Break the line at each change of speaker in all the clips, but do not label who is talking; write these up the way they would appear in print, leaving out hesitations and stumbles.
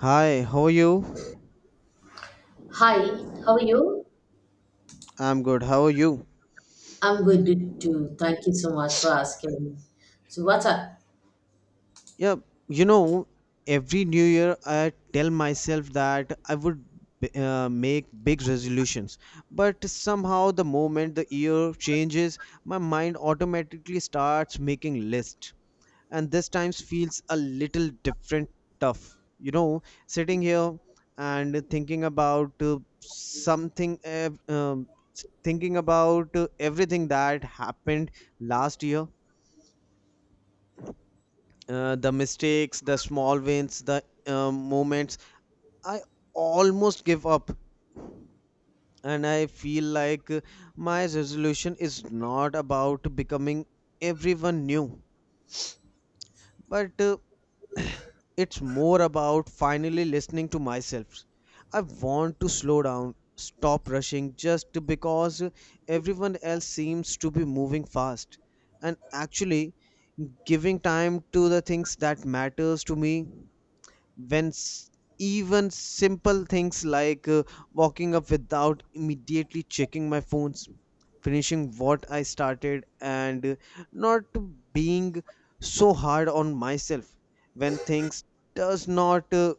Hi, how are you?
Hi, how are you?
I'm good. How are you?
I'm good too. Thank you so much for asking. So, what's up?
Yeah, you know, every new year I tell myself that I would make big resolutions, but somehow the moment the year changes, my mind automatically starts making lists. And this time feels a little different tough. Sitting here and thinking about everything that happened last year, the mistakes, the small wins, the moments. I almost give up. And I feel like my resolution is not about becoming everyone new, but it's more about finally listening to myself. I want to slow down, stop rushing just because everyone else seems to be moving fast, and actually giving time to the things that matters to me, when s- even simple things like walking up without immediately checking my phones, finishing what I started, and not being so hard on myself when things does not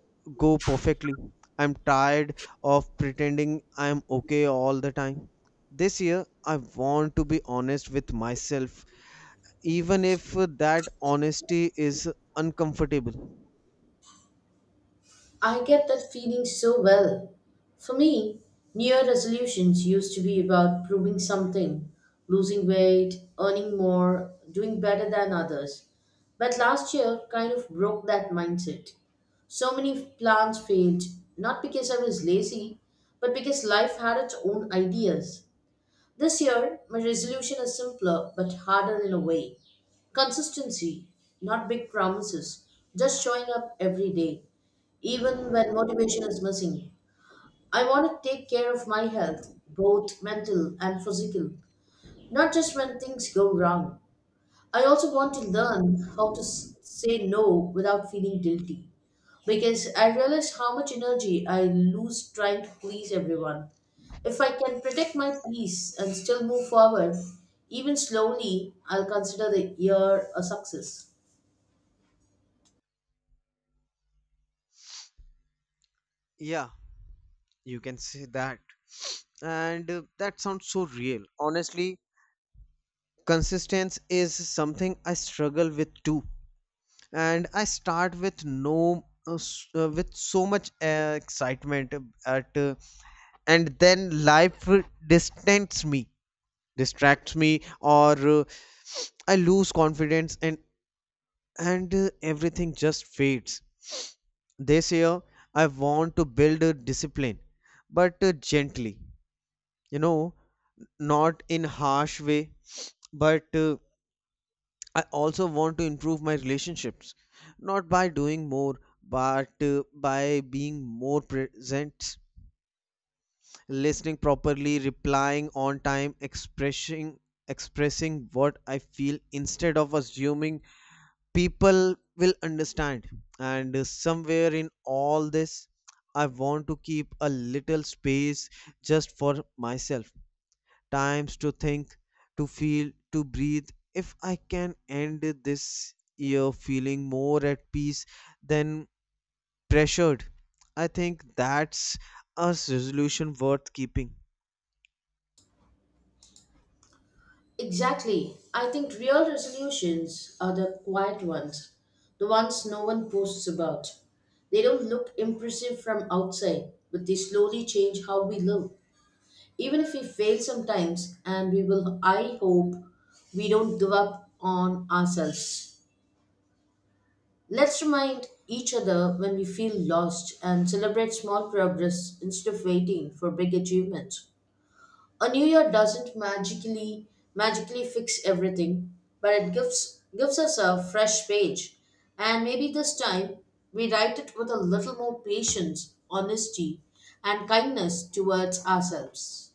go perfectly. I'm tired of pretending I'm okay all the time. This year I want to be honest with myself, even if that honesty is uncomfortable.
I get that feeling so well. For me, New Year resolutions used to be about proving something, losing weight, earning more, doing better than others. But last year kind of broke that mindset. So many plans failed, not because I was lazy, but because life had its own ideas. This year, my resolution is simpler but harder in a way. Consistency, not big promises, just showing up every day, even when motivation is missing. I want to take care of my health, both mental and physical, not just when things go wrong. I also want to learn how to say no without feeling guilty because I realize how much energy I lose trying to please everyone. If I can protect my peace and still move forward, even slowly, I'll consider the year a success.
Yeah, you can say that. And that sounds so real. Honestly, consistency is something I struggle with too. And I start with no s- with so much excitement at and then life distants me, distracts me or I lose confidence and everything just fades. This year I want to build a discipline but gently, you know not in harsh way. But I also want to improve my relationships, not by doing more but by being more present, listening properly, replying on time, expressing what I feel instead of assuming people will understand. And somewhere in all this I want to keep a little space just for myself, times to think, to feel, to breathe. If I can end this year feeling more at peace than pressured, I think that's a resolution worth keeping.
Exactly. I think real resolutions are the quiet ones, the ones no one posts about. They don't look impressive from outside, but they slowly change how we live. Even if we fail sometimes, and we will, I hope we don't give up on ourselves. Let's remind each other when we feel lost and celebrate small progress instead of waiting for big achievements. A new year doesn't magically fix everything, but it gives us a fresh page. And maybe this time we write it with a little more patience, honesty, and kindness towards ourselves.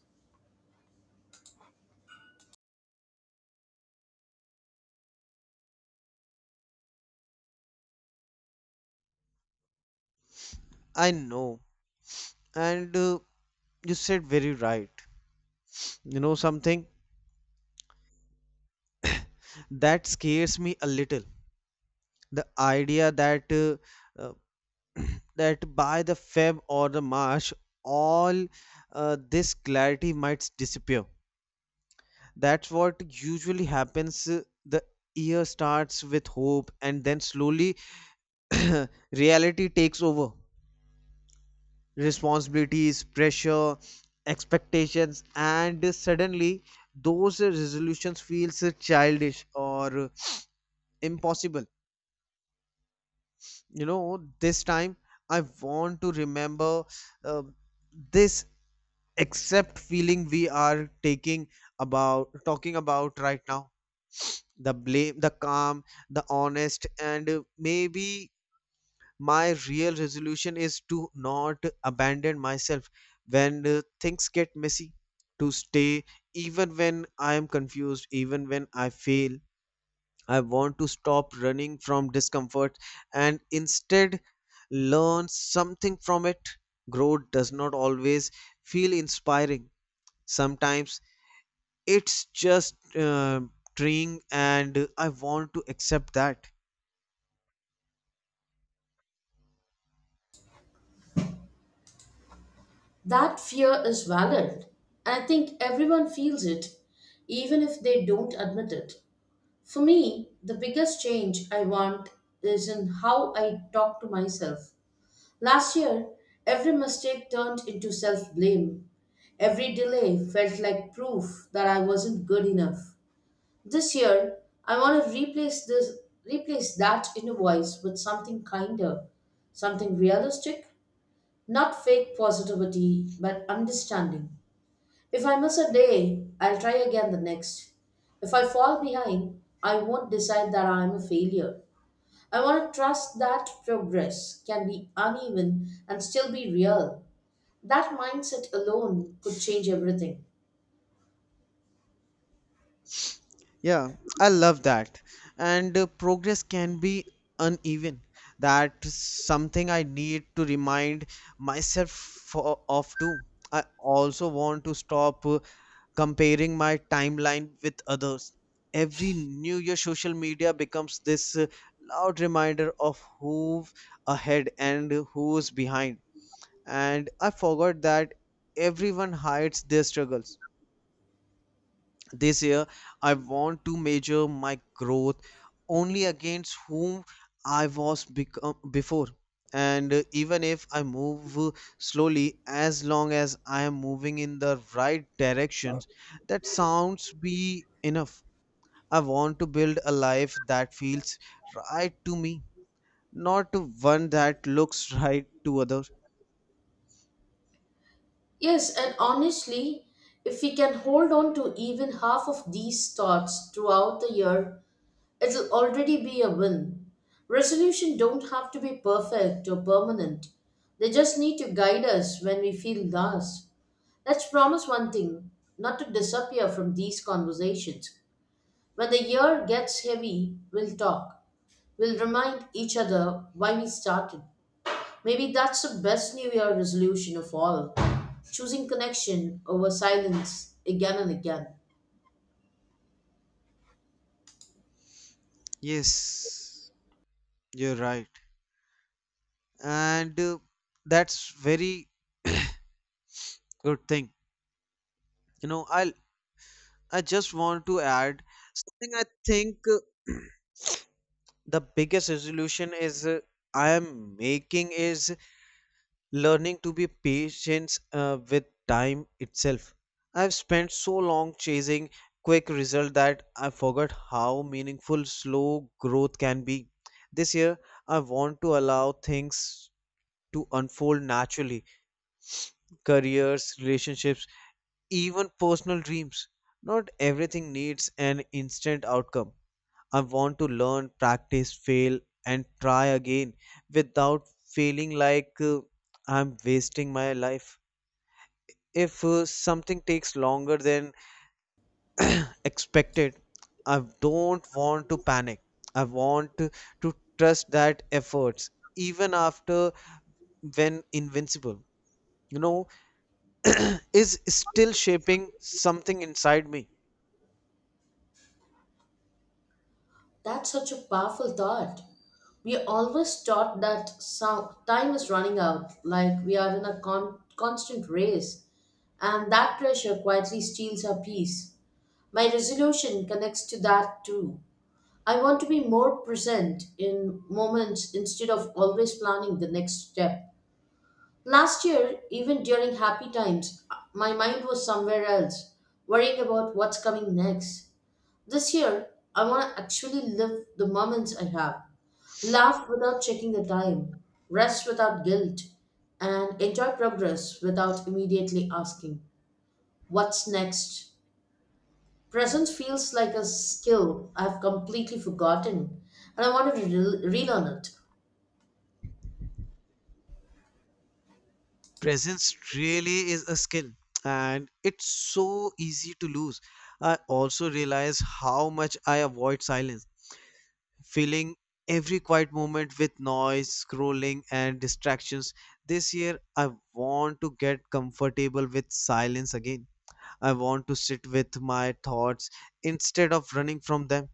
I know. And you said very right. You know something that scares me a little. The idea that uh, that by the Feb or the March, all this clarity might disappear. That's what usually happens. The year starts with hope, and then slowly reality takes over. Responsibilities, pressure, expectations, and suddenly those resolutions feels childish or impossible. This time I want to remember uh, this except feeling we are taking about talking about right now. The blame, the calm, the honest. And maybe my real resolution is to not abandon myself when things get messy, to stay even when I am confused, even when I fail. I want to stop running from discomfort and instead learn something from it. Growth does not always feel inspiring. Sometimes it's just uh, trying, and I want to accept that.
That fear is valid. I think everyone feels it, even if they don't admit it. For me, the biggest change I want is in how I talk to myself. Last year, every mistake turned into self blame. Every delay felt like proof that I wasn't good enough. This year, I want to replace that inner voice with something kinder, something realistic, not fake positivity, but understanding. If I miss a day, I'll try again the next. If I fall behind, I won't decide that I'm a failure. I want to trust that progress can be uneven and still be real. That mindset alone could change everything.
Yeah, I love that. And progress can be uneven. That's something I need to remind myself of too. I also want to stop comparing my timeline with others. Every new year, social media becomes this loud reminder of who's ahead and who's behind. And I forgot that everyone hides their struggles. This year I want to measure my growth only against whom I was become before. And even if I move slowly, as long as I am moving in the right directions, that sounds be enough. I want to build a life that feels right to me, not to one that looks right to others.
Yes, and honestly, if we can hold on to even half of these thoughts throughout the year, it'll already be a win. Resolution don't have to be perfect or permanent. They just need to guide us when we feel lost. Let's promise one thing, not to disappear from these conversations. When the year gets heavy, we'll talk. We'll remind each other why we started. Maybe that's the best New Year resolution of all. Choosing connection over silence again and again.
Yes, you're right. And that's very good thing. You know i I just want to add something. I think the biggest resolution is I am making is learning to be patient with time itself. I've spent so long chasing quick result that I forgot how meaningful slow growth can be. This year, I want to allow things to unfold naturally: careers, relationships, even personal dreams. Not everything needs an instant outcome. I want to learn, practice, fail, and try again without feeling like I'm wasting my life. If something takes longer than expected, I don't want to panic. I want to trust that efforts, even after when invincible, you know, is still shaping something inside me.
That's such a powerful thought. We are always taught that some time is running out, like we are in a constant race, and that pressure quietly steals our peace. My resolution connects to that too. I want to be more present in moments instead of always planning the next step. Last year, even during happy times, my mind was somewhere else, worrying about what's coming next. This year, I want to actually live the moments I have, laugh without checking the time, rest without guilt, and enjoy progress without immediately asking, what's next? Presence feels like a skill I've completely forgotten, and I want to relearn it.
Presence really is a skill, and it's so easy to lose. I also realize how much I avoid silence, filling every quiet moment with noise, scrolling, and distractions. This year I want to get comfortable with silence again. I want to sit with my thoughts instead of running from them,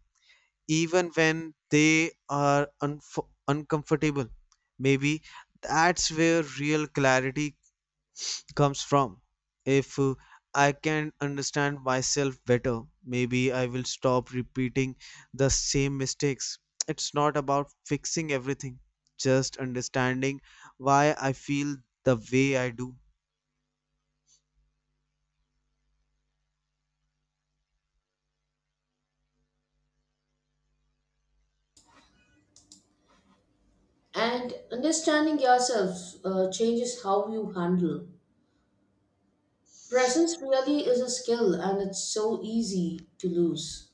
even when they are unf uncomfortable. Maybe that's where real clarity comes from. If I can understand myself better, maybe I will stop repeating the same mistakes. It's not about fixing everything, just understanding why I feel the way I do.
And understanding yourself changes how you handle. Presence really is a skill, and it's so easy to lose.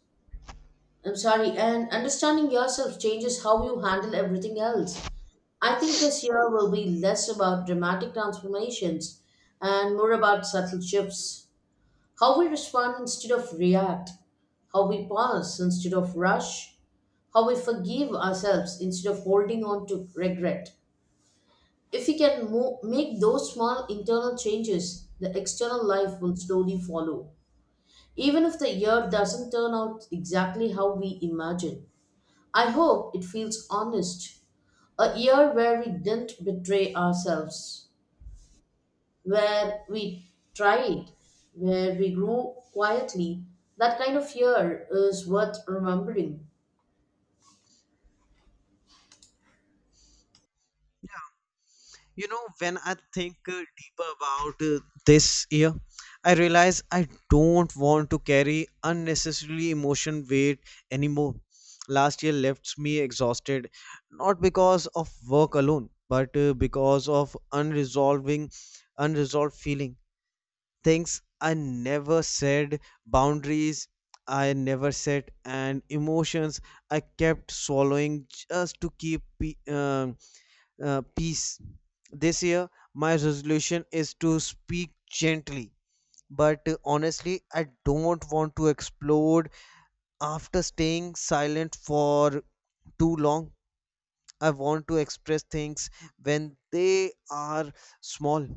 I'm sorry, and understanding yourself changes how you handle everything else. I think this year will be less about dramatic transformations and more about subtle shifts. How we respond instead of react, how we pause instead of rush, how we forgive ourselves instead of holding on to regret. If we can make those small internal changes, the external life will slowly follow, even if the year doesn't turn out exactly how we imagine. I hope it feels honest. A year where we didn't betray ourselves, where we tried, where we grew quietly. That kind of year is worth remembering.
When I think deeper about this year, I realize I don't want to carry unnecessarily emotion weight anymore. Last year left me exhausted, not because of work alone, but because of unresolved feeling. Things I never said, boundaries I never set, and emotions I kept swallowing just to keep peace. This year, my resolution is to speak gently, but honestly, I don't want to explode after staying silent for too long. I want to express things when they are small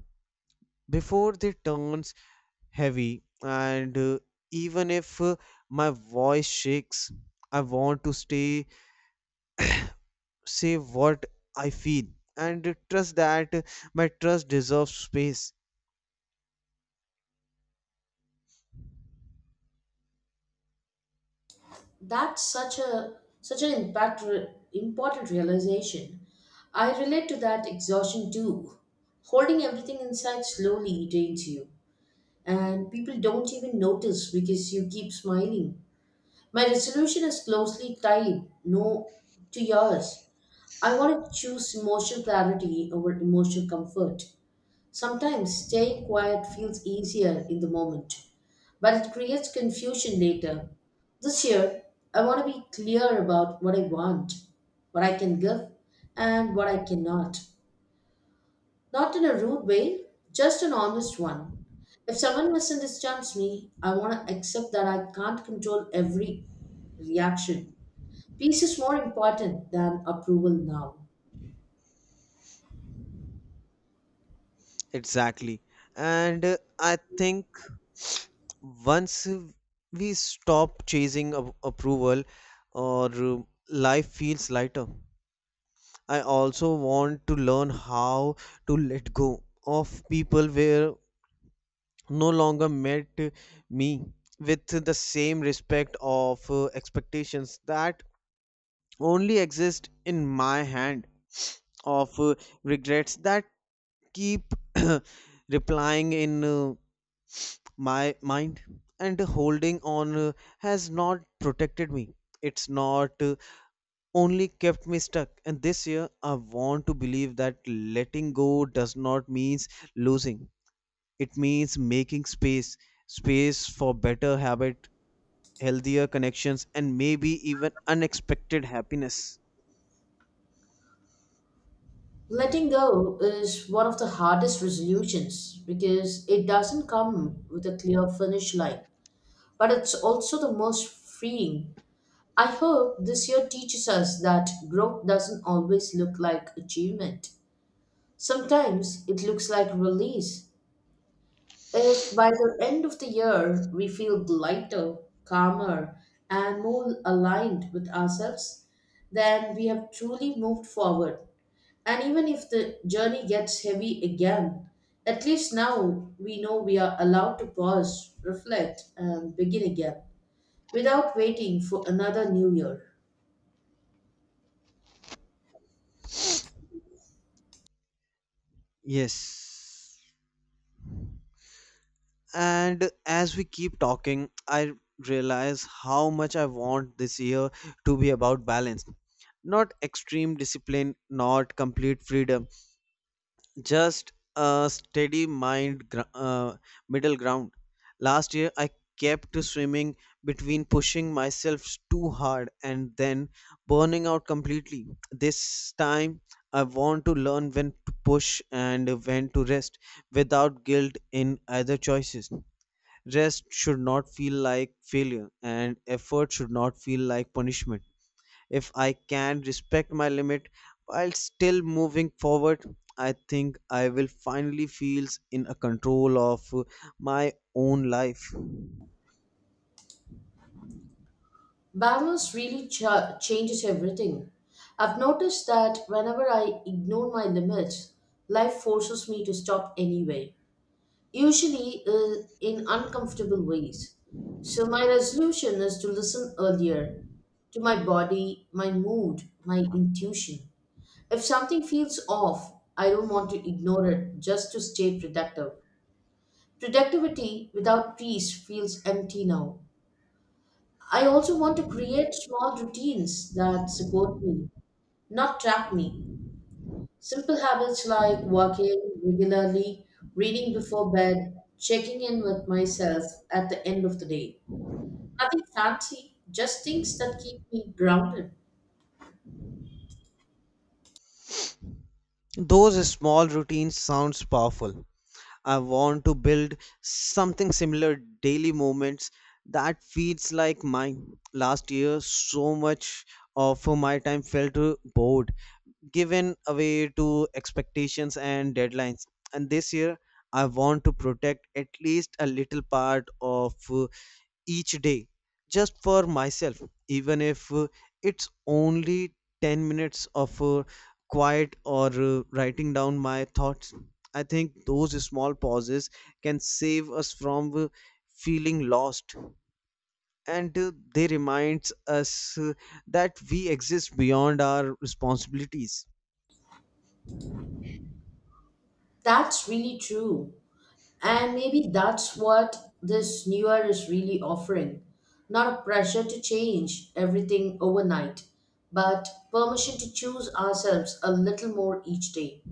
before they turns heavy, and even if my voice shakes, I want to stay say what I feel and trust that my trust deserves space.
That's such a such an impact important realization. I relate to that exhaustion too. Holding everything inside slowly drains you, and people don't even notice because you keep smiling. My resolution is closely tied no to yours. I want to choose emotional clarity over emotional comfort. Sometimes staying quiet feels easier in the moment, but it creates confusion later. This year, I want to be clear about what I want, what I can give, and what I cannot. Not in a rude way, just an honest one. If someone misunderstands me, I want to accept that I can't control every reaction. Peace is more important than approval now.
Exactly. And I think once we stop chasing approval or life feels lighter. I also want to learn how to let go of people where no longer met me with the same respect, of expectations that only exist in my hand, of regrets that keep replying in my mind. And holding on has not protected me, it's not only kept me stuck. And this year I want to believe that letting go does not means losing, it means making space, for better habit, healthier connections, and maybe even unexpected happiness.
Letting go is one of the hardest resolutions because it doesn't come with a clear finish line, but it's also the most freeing. I hope this year teaches us that growth doesn't always look like achievement. Sometimes it looks like release. If by the end of the year we feel lighter, calmer, and more aligned with ourselves, then we have truly moved forward. And even if the journey gets heavy again, at least now we know we are allowed to pause, reflect, and begin again without waiting for another new year.
Yes. And as we keep talking, I realize how much I want this year to be about balance. Not extreme discipline, not complete freedom, just a steady mind, middle ground. Last year, I kept swimming between pushing myself too hard and then burning out completely. This time, I want to learn when to push and when to rest without guilt in either choices. Rest should not feel like failure, and effort should not feel like punishment. If I can respect my limit while still moving forward, I think I will finally feel in a control of my own life.
Balance really changes everything. I've noticed that whenever I ignore my limits, life forces me to stop anyway, usually in uncomfortable ways. So, my resolution is to listen earlier to my body, my mood, my intuition. If something feels off, I don't want to ignore it just to stay productive. Productivity without peace feels empty now. I also want to create small routines that support me, not trap me. Simple habits like walking regularly, reading before bed, checking in with myself at the end of the day. Nothing fancy, just things that keep me grounded.
Those small routines sounds powerful. I want to build something similar, daily moments that feels like mine. Last year, so much of my time felt bored, given away to expectations and deadlines. And this year, I want to protect at least a little part of each day just for myself, even if it's only 10 minutes of quiet or writing down my thoughts. I think those small pauses can save us from feeling lost, and they reminds us that we exist beyond our responsibilities.
That's really true. And maybe that's what this new year is really offering. Not a pressure to change everything overnight, but permission to choose ourselves a little more each day.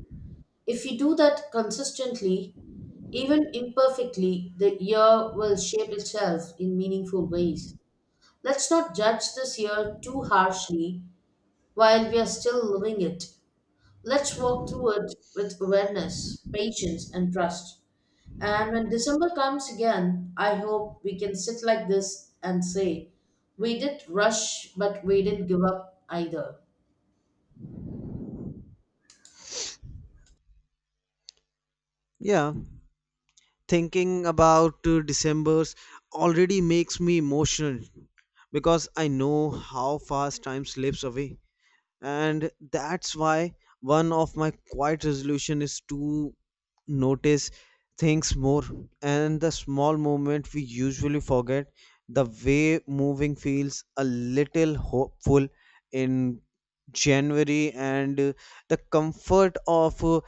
If we do that consistently, even imperfectly, the year will shape itself in meaningful ways. Let's not judge this year too harshly while we are still living it. Let's walk through it with awareness, patience, and trust. And when December comes again, I hope we can sit like this and say, we did rush, but we didn't give up either.
Yeah. Thinking about December's already makes me emotional, because I know how fast time slips away. And that's why one of my quiet resolution is to notice things more, and the small moment we usually forget, the way moving feels a little hopeful in January, and the comfort of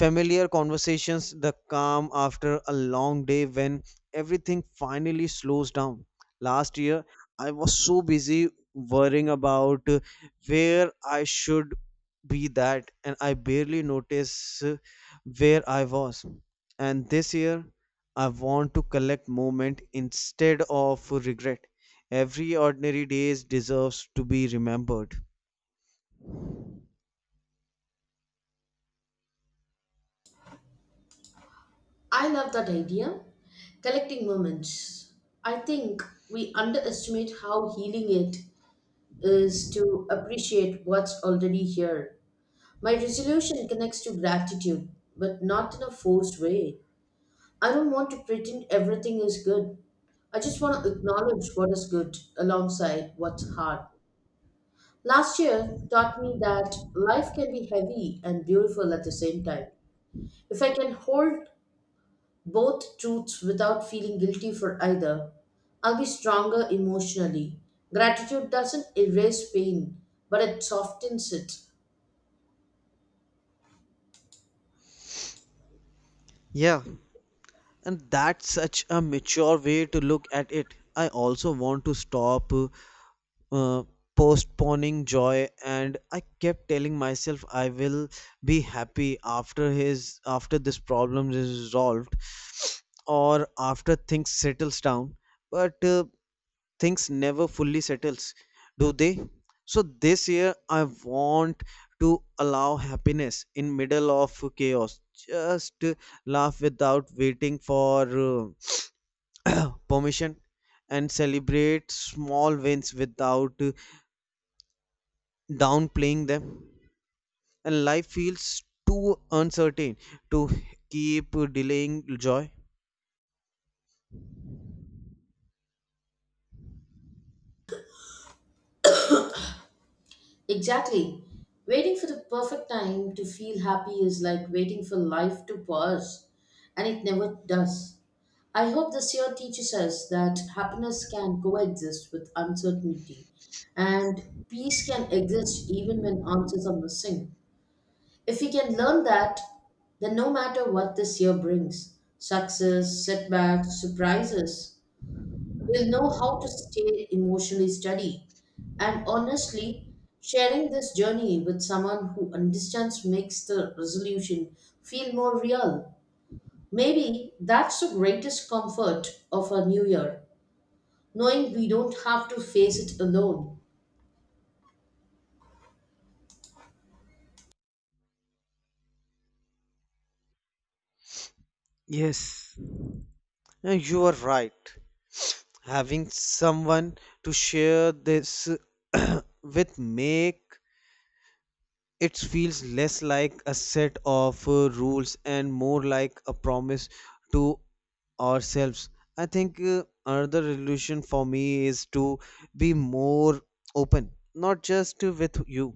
familiar conversations, the calm after a long day when everything finally slows down. Last year I was so busy worrying about where I should be that, and I barely notice where I was. And this year I want to collect moment instead of regret. Every ordinary day deserves to be remembered.
I love that idea. Collecting moments. I think we underestimate how healing it is to appreciate what's already here. My resolution connects to gratitude, but not in a forced way. I don't want to pretend everything is good. I just want to acknowledge what is good alongside what's hard. Last year taught me that life can be heavy and beautiful at the same time. If I can hold both truths without feeling guilty for either, I'll be stronger emotionally. Gratitude doesn't erase pain, but it softens it.
Yeah, and that's such a mature way to look at it. I also want to stop uh, postponing joy. And I kept telling myself I will be happy after this problem is resolved, or after things settles down. But things never fully settles, do they? So this year I want to allow happiness in middle of chaos, just laugh without waiting for permission, and celebrate small wins without downplaying them. And life feels too uncertain to keep delaying joy.
Exactly. Waiting for the perfect time to feel happy is like waiting for life to pause, and it never does. I hope this year teaches us that happiness can coexist with uncertainty, and peace can exist even when answers are missing. If we can learn that, then no matter what this year brings, success, setbacks, surprises, will know how to stay emotionally steady. And honestly, sharing this journey with someone who understands makes the resolution feel more real. Maybe that's the greatest comfort of a new year, knowing we don't have to face it alone.
Yes. You are right, having someone to share this with make it feels less like a set of rules and more like a promise to ourselves. I think another solution for me is to be more open, not just with you,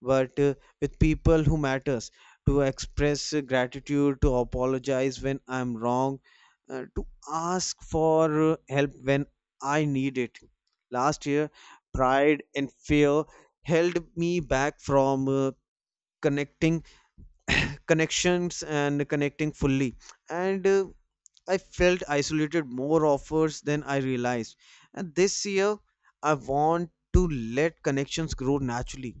but with people who matters, to express gratitude, to apologize when I'm wrong, to ask for help when I need it. Last year, pride and fear held me back from connecting, connections and connecting fully. And I felt isolated more offers than I realized. And this year, I want to let connections grow naturally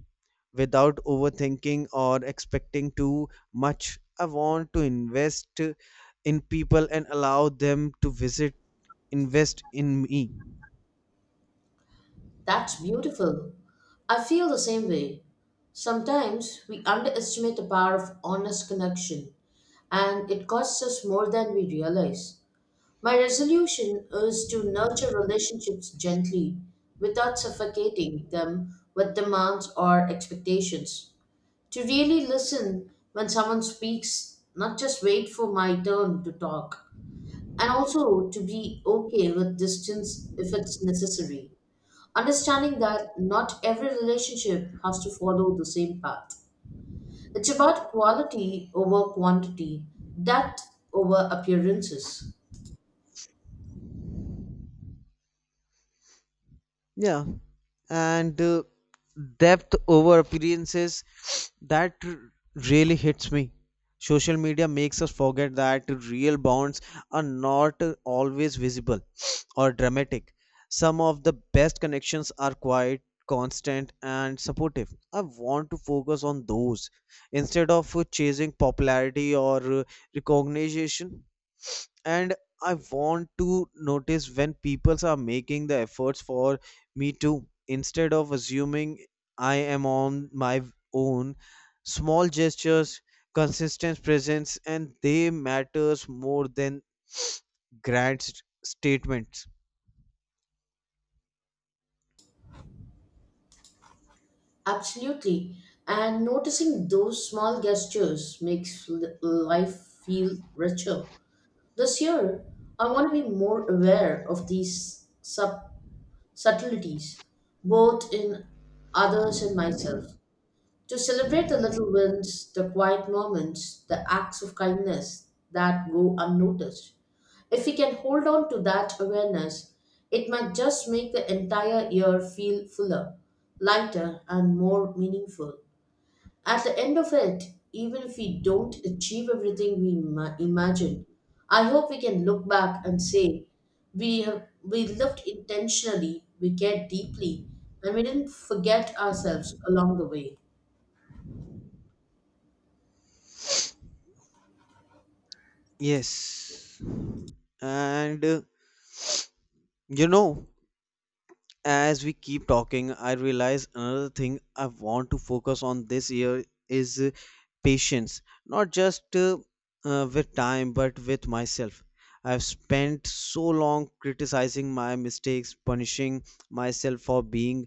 without overthinking or expecting too much. I want to invest in people and allow them to visit, invest in me.
That's beautiful. I feel the same way. Sometimes we underestimate the power of honest connection, and it costs us more than we realize. My resolution is to nurture relationships gently without suffocating them with demands or expectations. To really listen when someone speaks, not just wait for my turn to talk, and also to be okay with distance if it's necessary. Understanding that not every relationship has to follow the same path. It's about quality over quantity, depth over appearances.
Yeah, and depth over appearances that r- really hits me. Social media makes us forget that real bonds are not always visible or dramatic. Some of the best connections are quiet, constant, and supportive. I want to focus on those instead of chasing popularity or recognition. And I want to notice when people are making the efforts for me too, instead of assuming I am on my own. Small gestures, consistent presence, and they matters more than grand statements.
Absolutely. And noticing those small gestures makes life feel richer. This year, I want to be more aware of these subtleties, both in others and myself, to celebrate the little wins, the quiet moments, the acts of kindness that go unnoticed. If we can hold on to that awareness, it might just make the entire year feel fuller, lighter, and more meaningful. At the end of it, even if we don't achieve everything we imagined, I hope we can look back and say we lived intentionally, we cared deeply, and we didn't forget ourselves along the way.
Yes, and you know as we keep talking, I realize another thing I want to focus on this year is patience, not just with time but with myself. I've spent so long criticizing my mistakes, punishing myself for being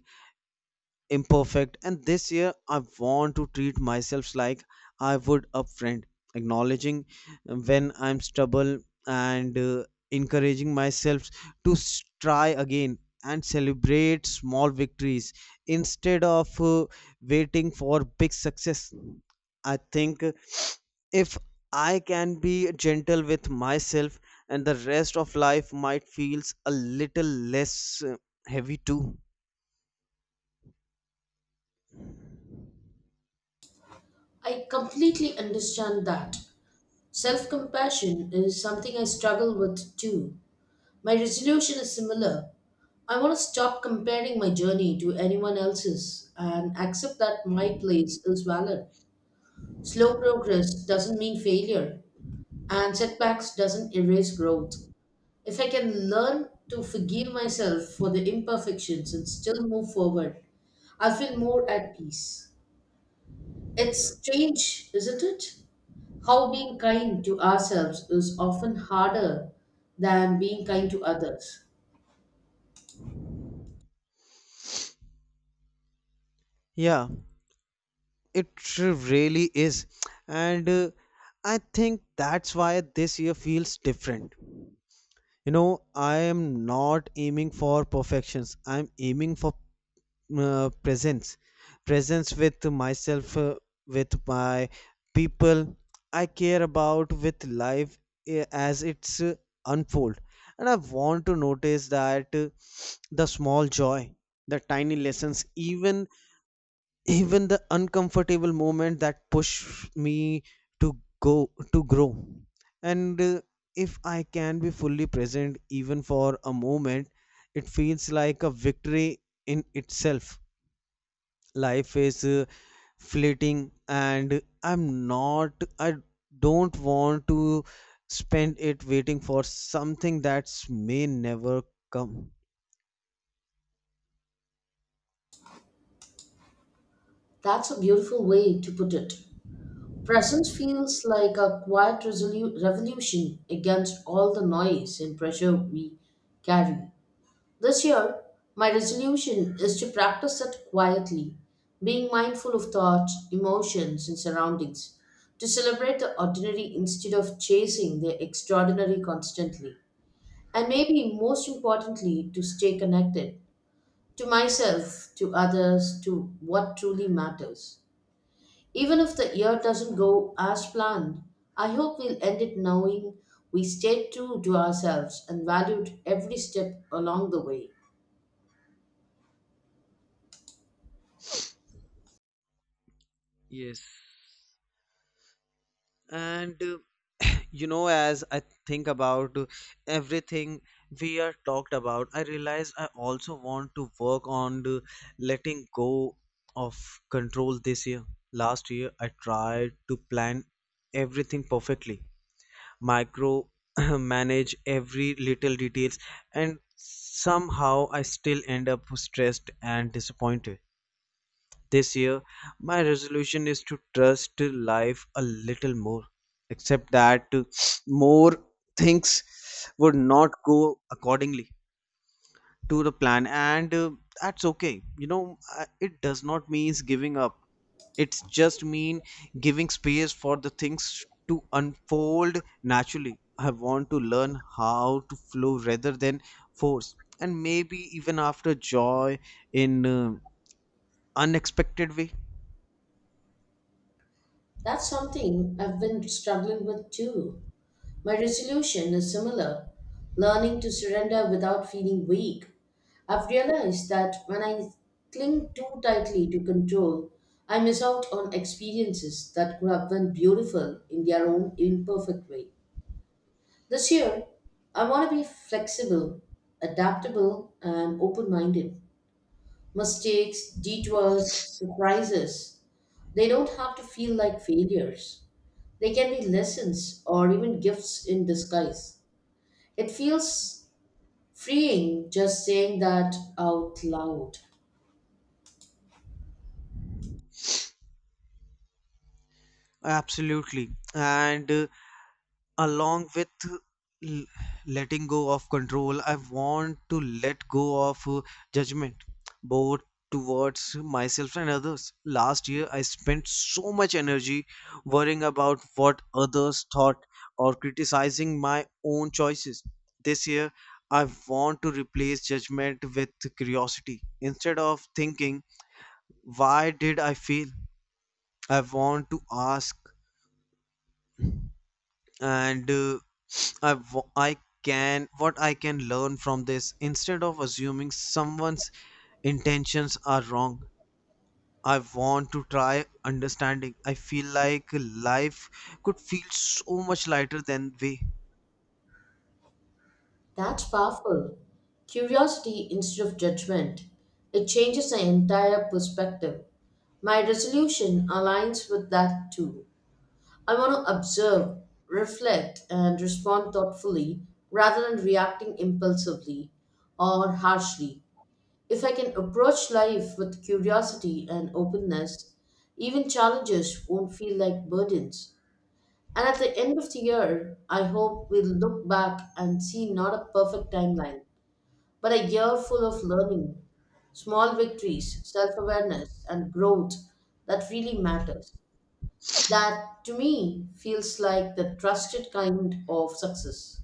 imperfect, and this year I want to treat myself like I would a friend, acknowledging when I'm stubble, and encouraging myself to try again and celebrate small victories instead of waiting for big success. I think if I can be gentle with myself, and the rest of life might feels a little less uh, heavy too.
I completely understand that. Self compassion is something I struggle with too. My resolution is similar. I want to stop comparing my journey to anyone else's and accept that my place is valid. Slow progress doesn't mean failure, and setbacks doesn't erase growth. If I can learn to forgive myself for the imperfections and still move forward, I feel more at peace. It's strange, isn't it? How being kind to ourselves is often harder than being kind to others.
Yeah, it really is. And I think that's why this year feels different. You know, I am not aiming for perfections. I'm aiming for presence. Presence with myself, with my people I care about, with life as it's unfold. And I want to notice that the small joy, the tiny lessons, even the uncomfortable moment that push me to grow. And If I can be fully present even for a moment, it feels like a victory in itself. Life is fleeting, and I don't want to spend it waiting for something that may never come.
That's a beautiful way to put it. Presence feels like a quiet revolution against all the noise and pressure we carry. This year, my resolution is to practice it quietly, being mindful of thoughts, emotions, and surroundings, to celebrate the ordinary instead of chasing the extraordinary constantly, and maybe most importantly, to stay connected to myself, to others, to what truly matters. Even if the year doesn't go as planned, I hope we'll end it knowing we stayed true to ourselves and valued every step along the way.
Yes, and you know, as I think about everything we are talked about, I realize I also want to work on the letting go of control this year. Last year, I tried to plan everything perfectly, micro manage every little details, and somehow I still end up stressed and disappointed. This year, my resolution is to trust life a little more, except that more things would not go accordingly to the plan, and that's okay. You know, it does not mean giving up. It's just mean giving space for the things to unfold naturally. I want to learn how to flow rather than force, and maybe even after joy in unexpected way.
That's something I've been struggling with too. My resolution is similar, learning to surrender without feeling weak. I've realized that when I cling too tightly to control, I miss out on experiences that could have been beautiful in their own imperfect way. This year, I want to be flexible, adaptable, and open minded. Mistakes, detours, surprises, they don't have to feel like failures. They can be lessons or even gifts in disguise. It feels freeing just saying that out loud.
Absolutely. And along with l- letting go of control, I want to let go of judgment, both towards myself and others. Last year, I spent so much energy worrying about what others thought or criticizing my own choices. This year, I want to replace judgment with curiosity. Instead of thinking, why did I fail? I want to ask and I, wa- I can what I can learn from this, instead of assuming someone's intentions are wrong. I want to try understanding. I feel like life could feel so much lighter than we.
That's powerful. Curiosity instead of judgment. It changes the entire perspective. My resolution aligns with that too. I want to observe, reflect, and respond thoughtfully rather than reacting impulsively or harshly. If I can approach life with curiosity and openness, even challenges won't feel like burdens. And at the end of the year, I hope we'll look back and see not a perfect timeline, but a year full of learning, small victories, self awareness, and growth that really matters. That, to me, feels like the trusted kind of success.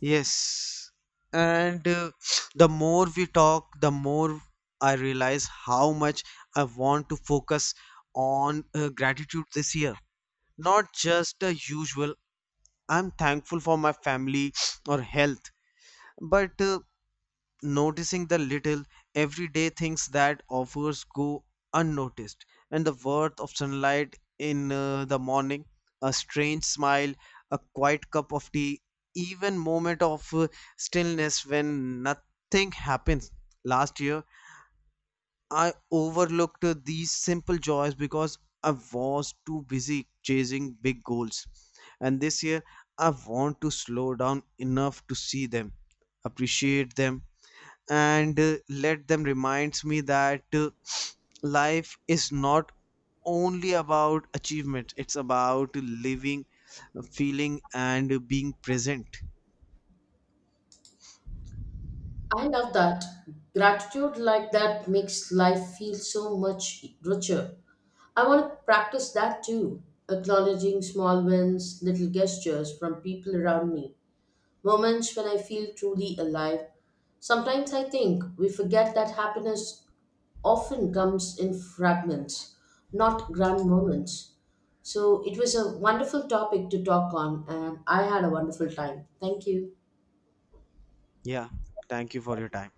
Yes. And the more we talk, the more I realize how much I want to focus on gratitude this year. Not just the usual I'm thankful for my family or health, but noticing the little everyday things that offers go unnoticed, and the worth of sunlight in the morning, a strange smile, a quiet cup of tea, even moment of stillness when nothing happens. Last year, I overlooked these simple joys because I was too busy chasing big goals. And this year, I want to slow down enough to see them, appreciate them, and let them remind me that life is not only about achievement, it's about living, feeling, and being present.
I love that. Gratitude like that makes life feel so much richer. I want to practice that too, acknowledging small wins, little gestures from people around me, moments when I feel truly alive. Sometimes I think we forget that happiness often comes in fragments, not grand moments. So it was a wonderful topic to talk on, and I had a wonderful time. Thank you.
Yeah, thank you for your time.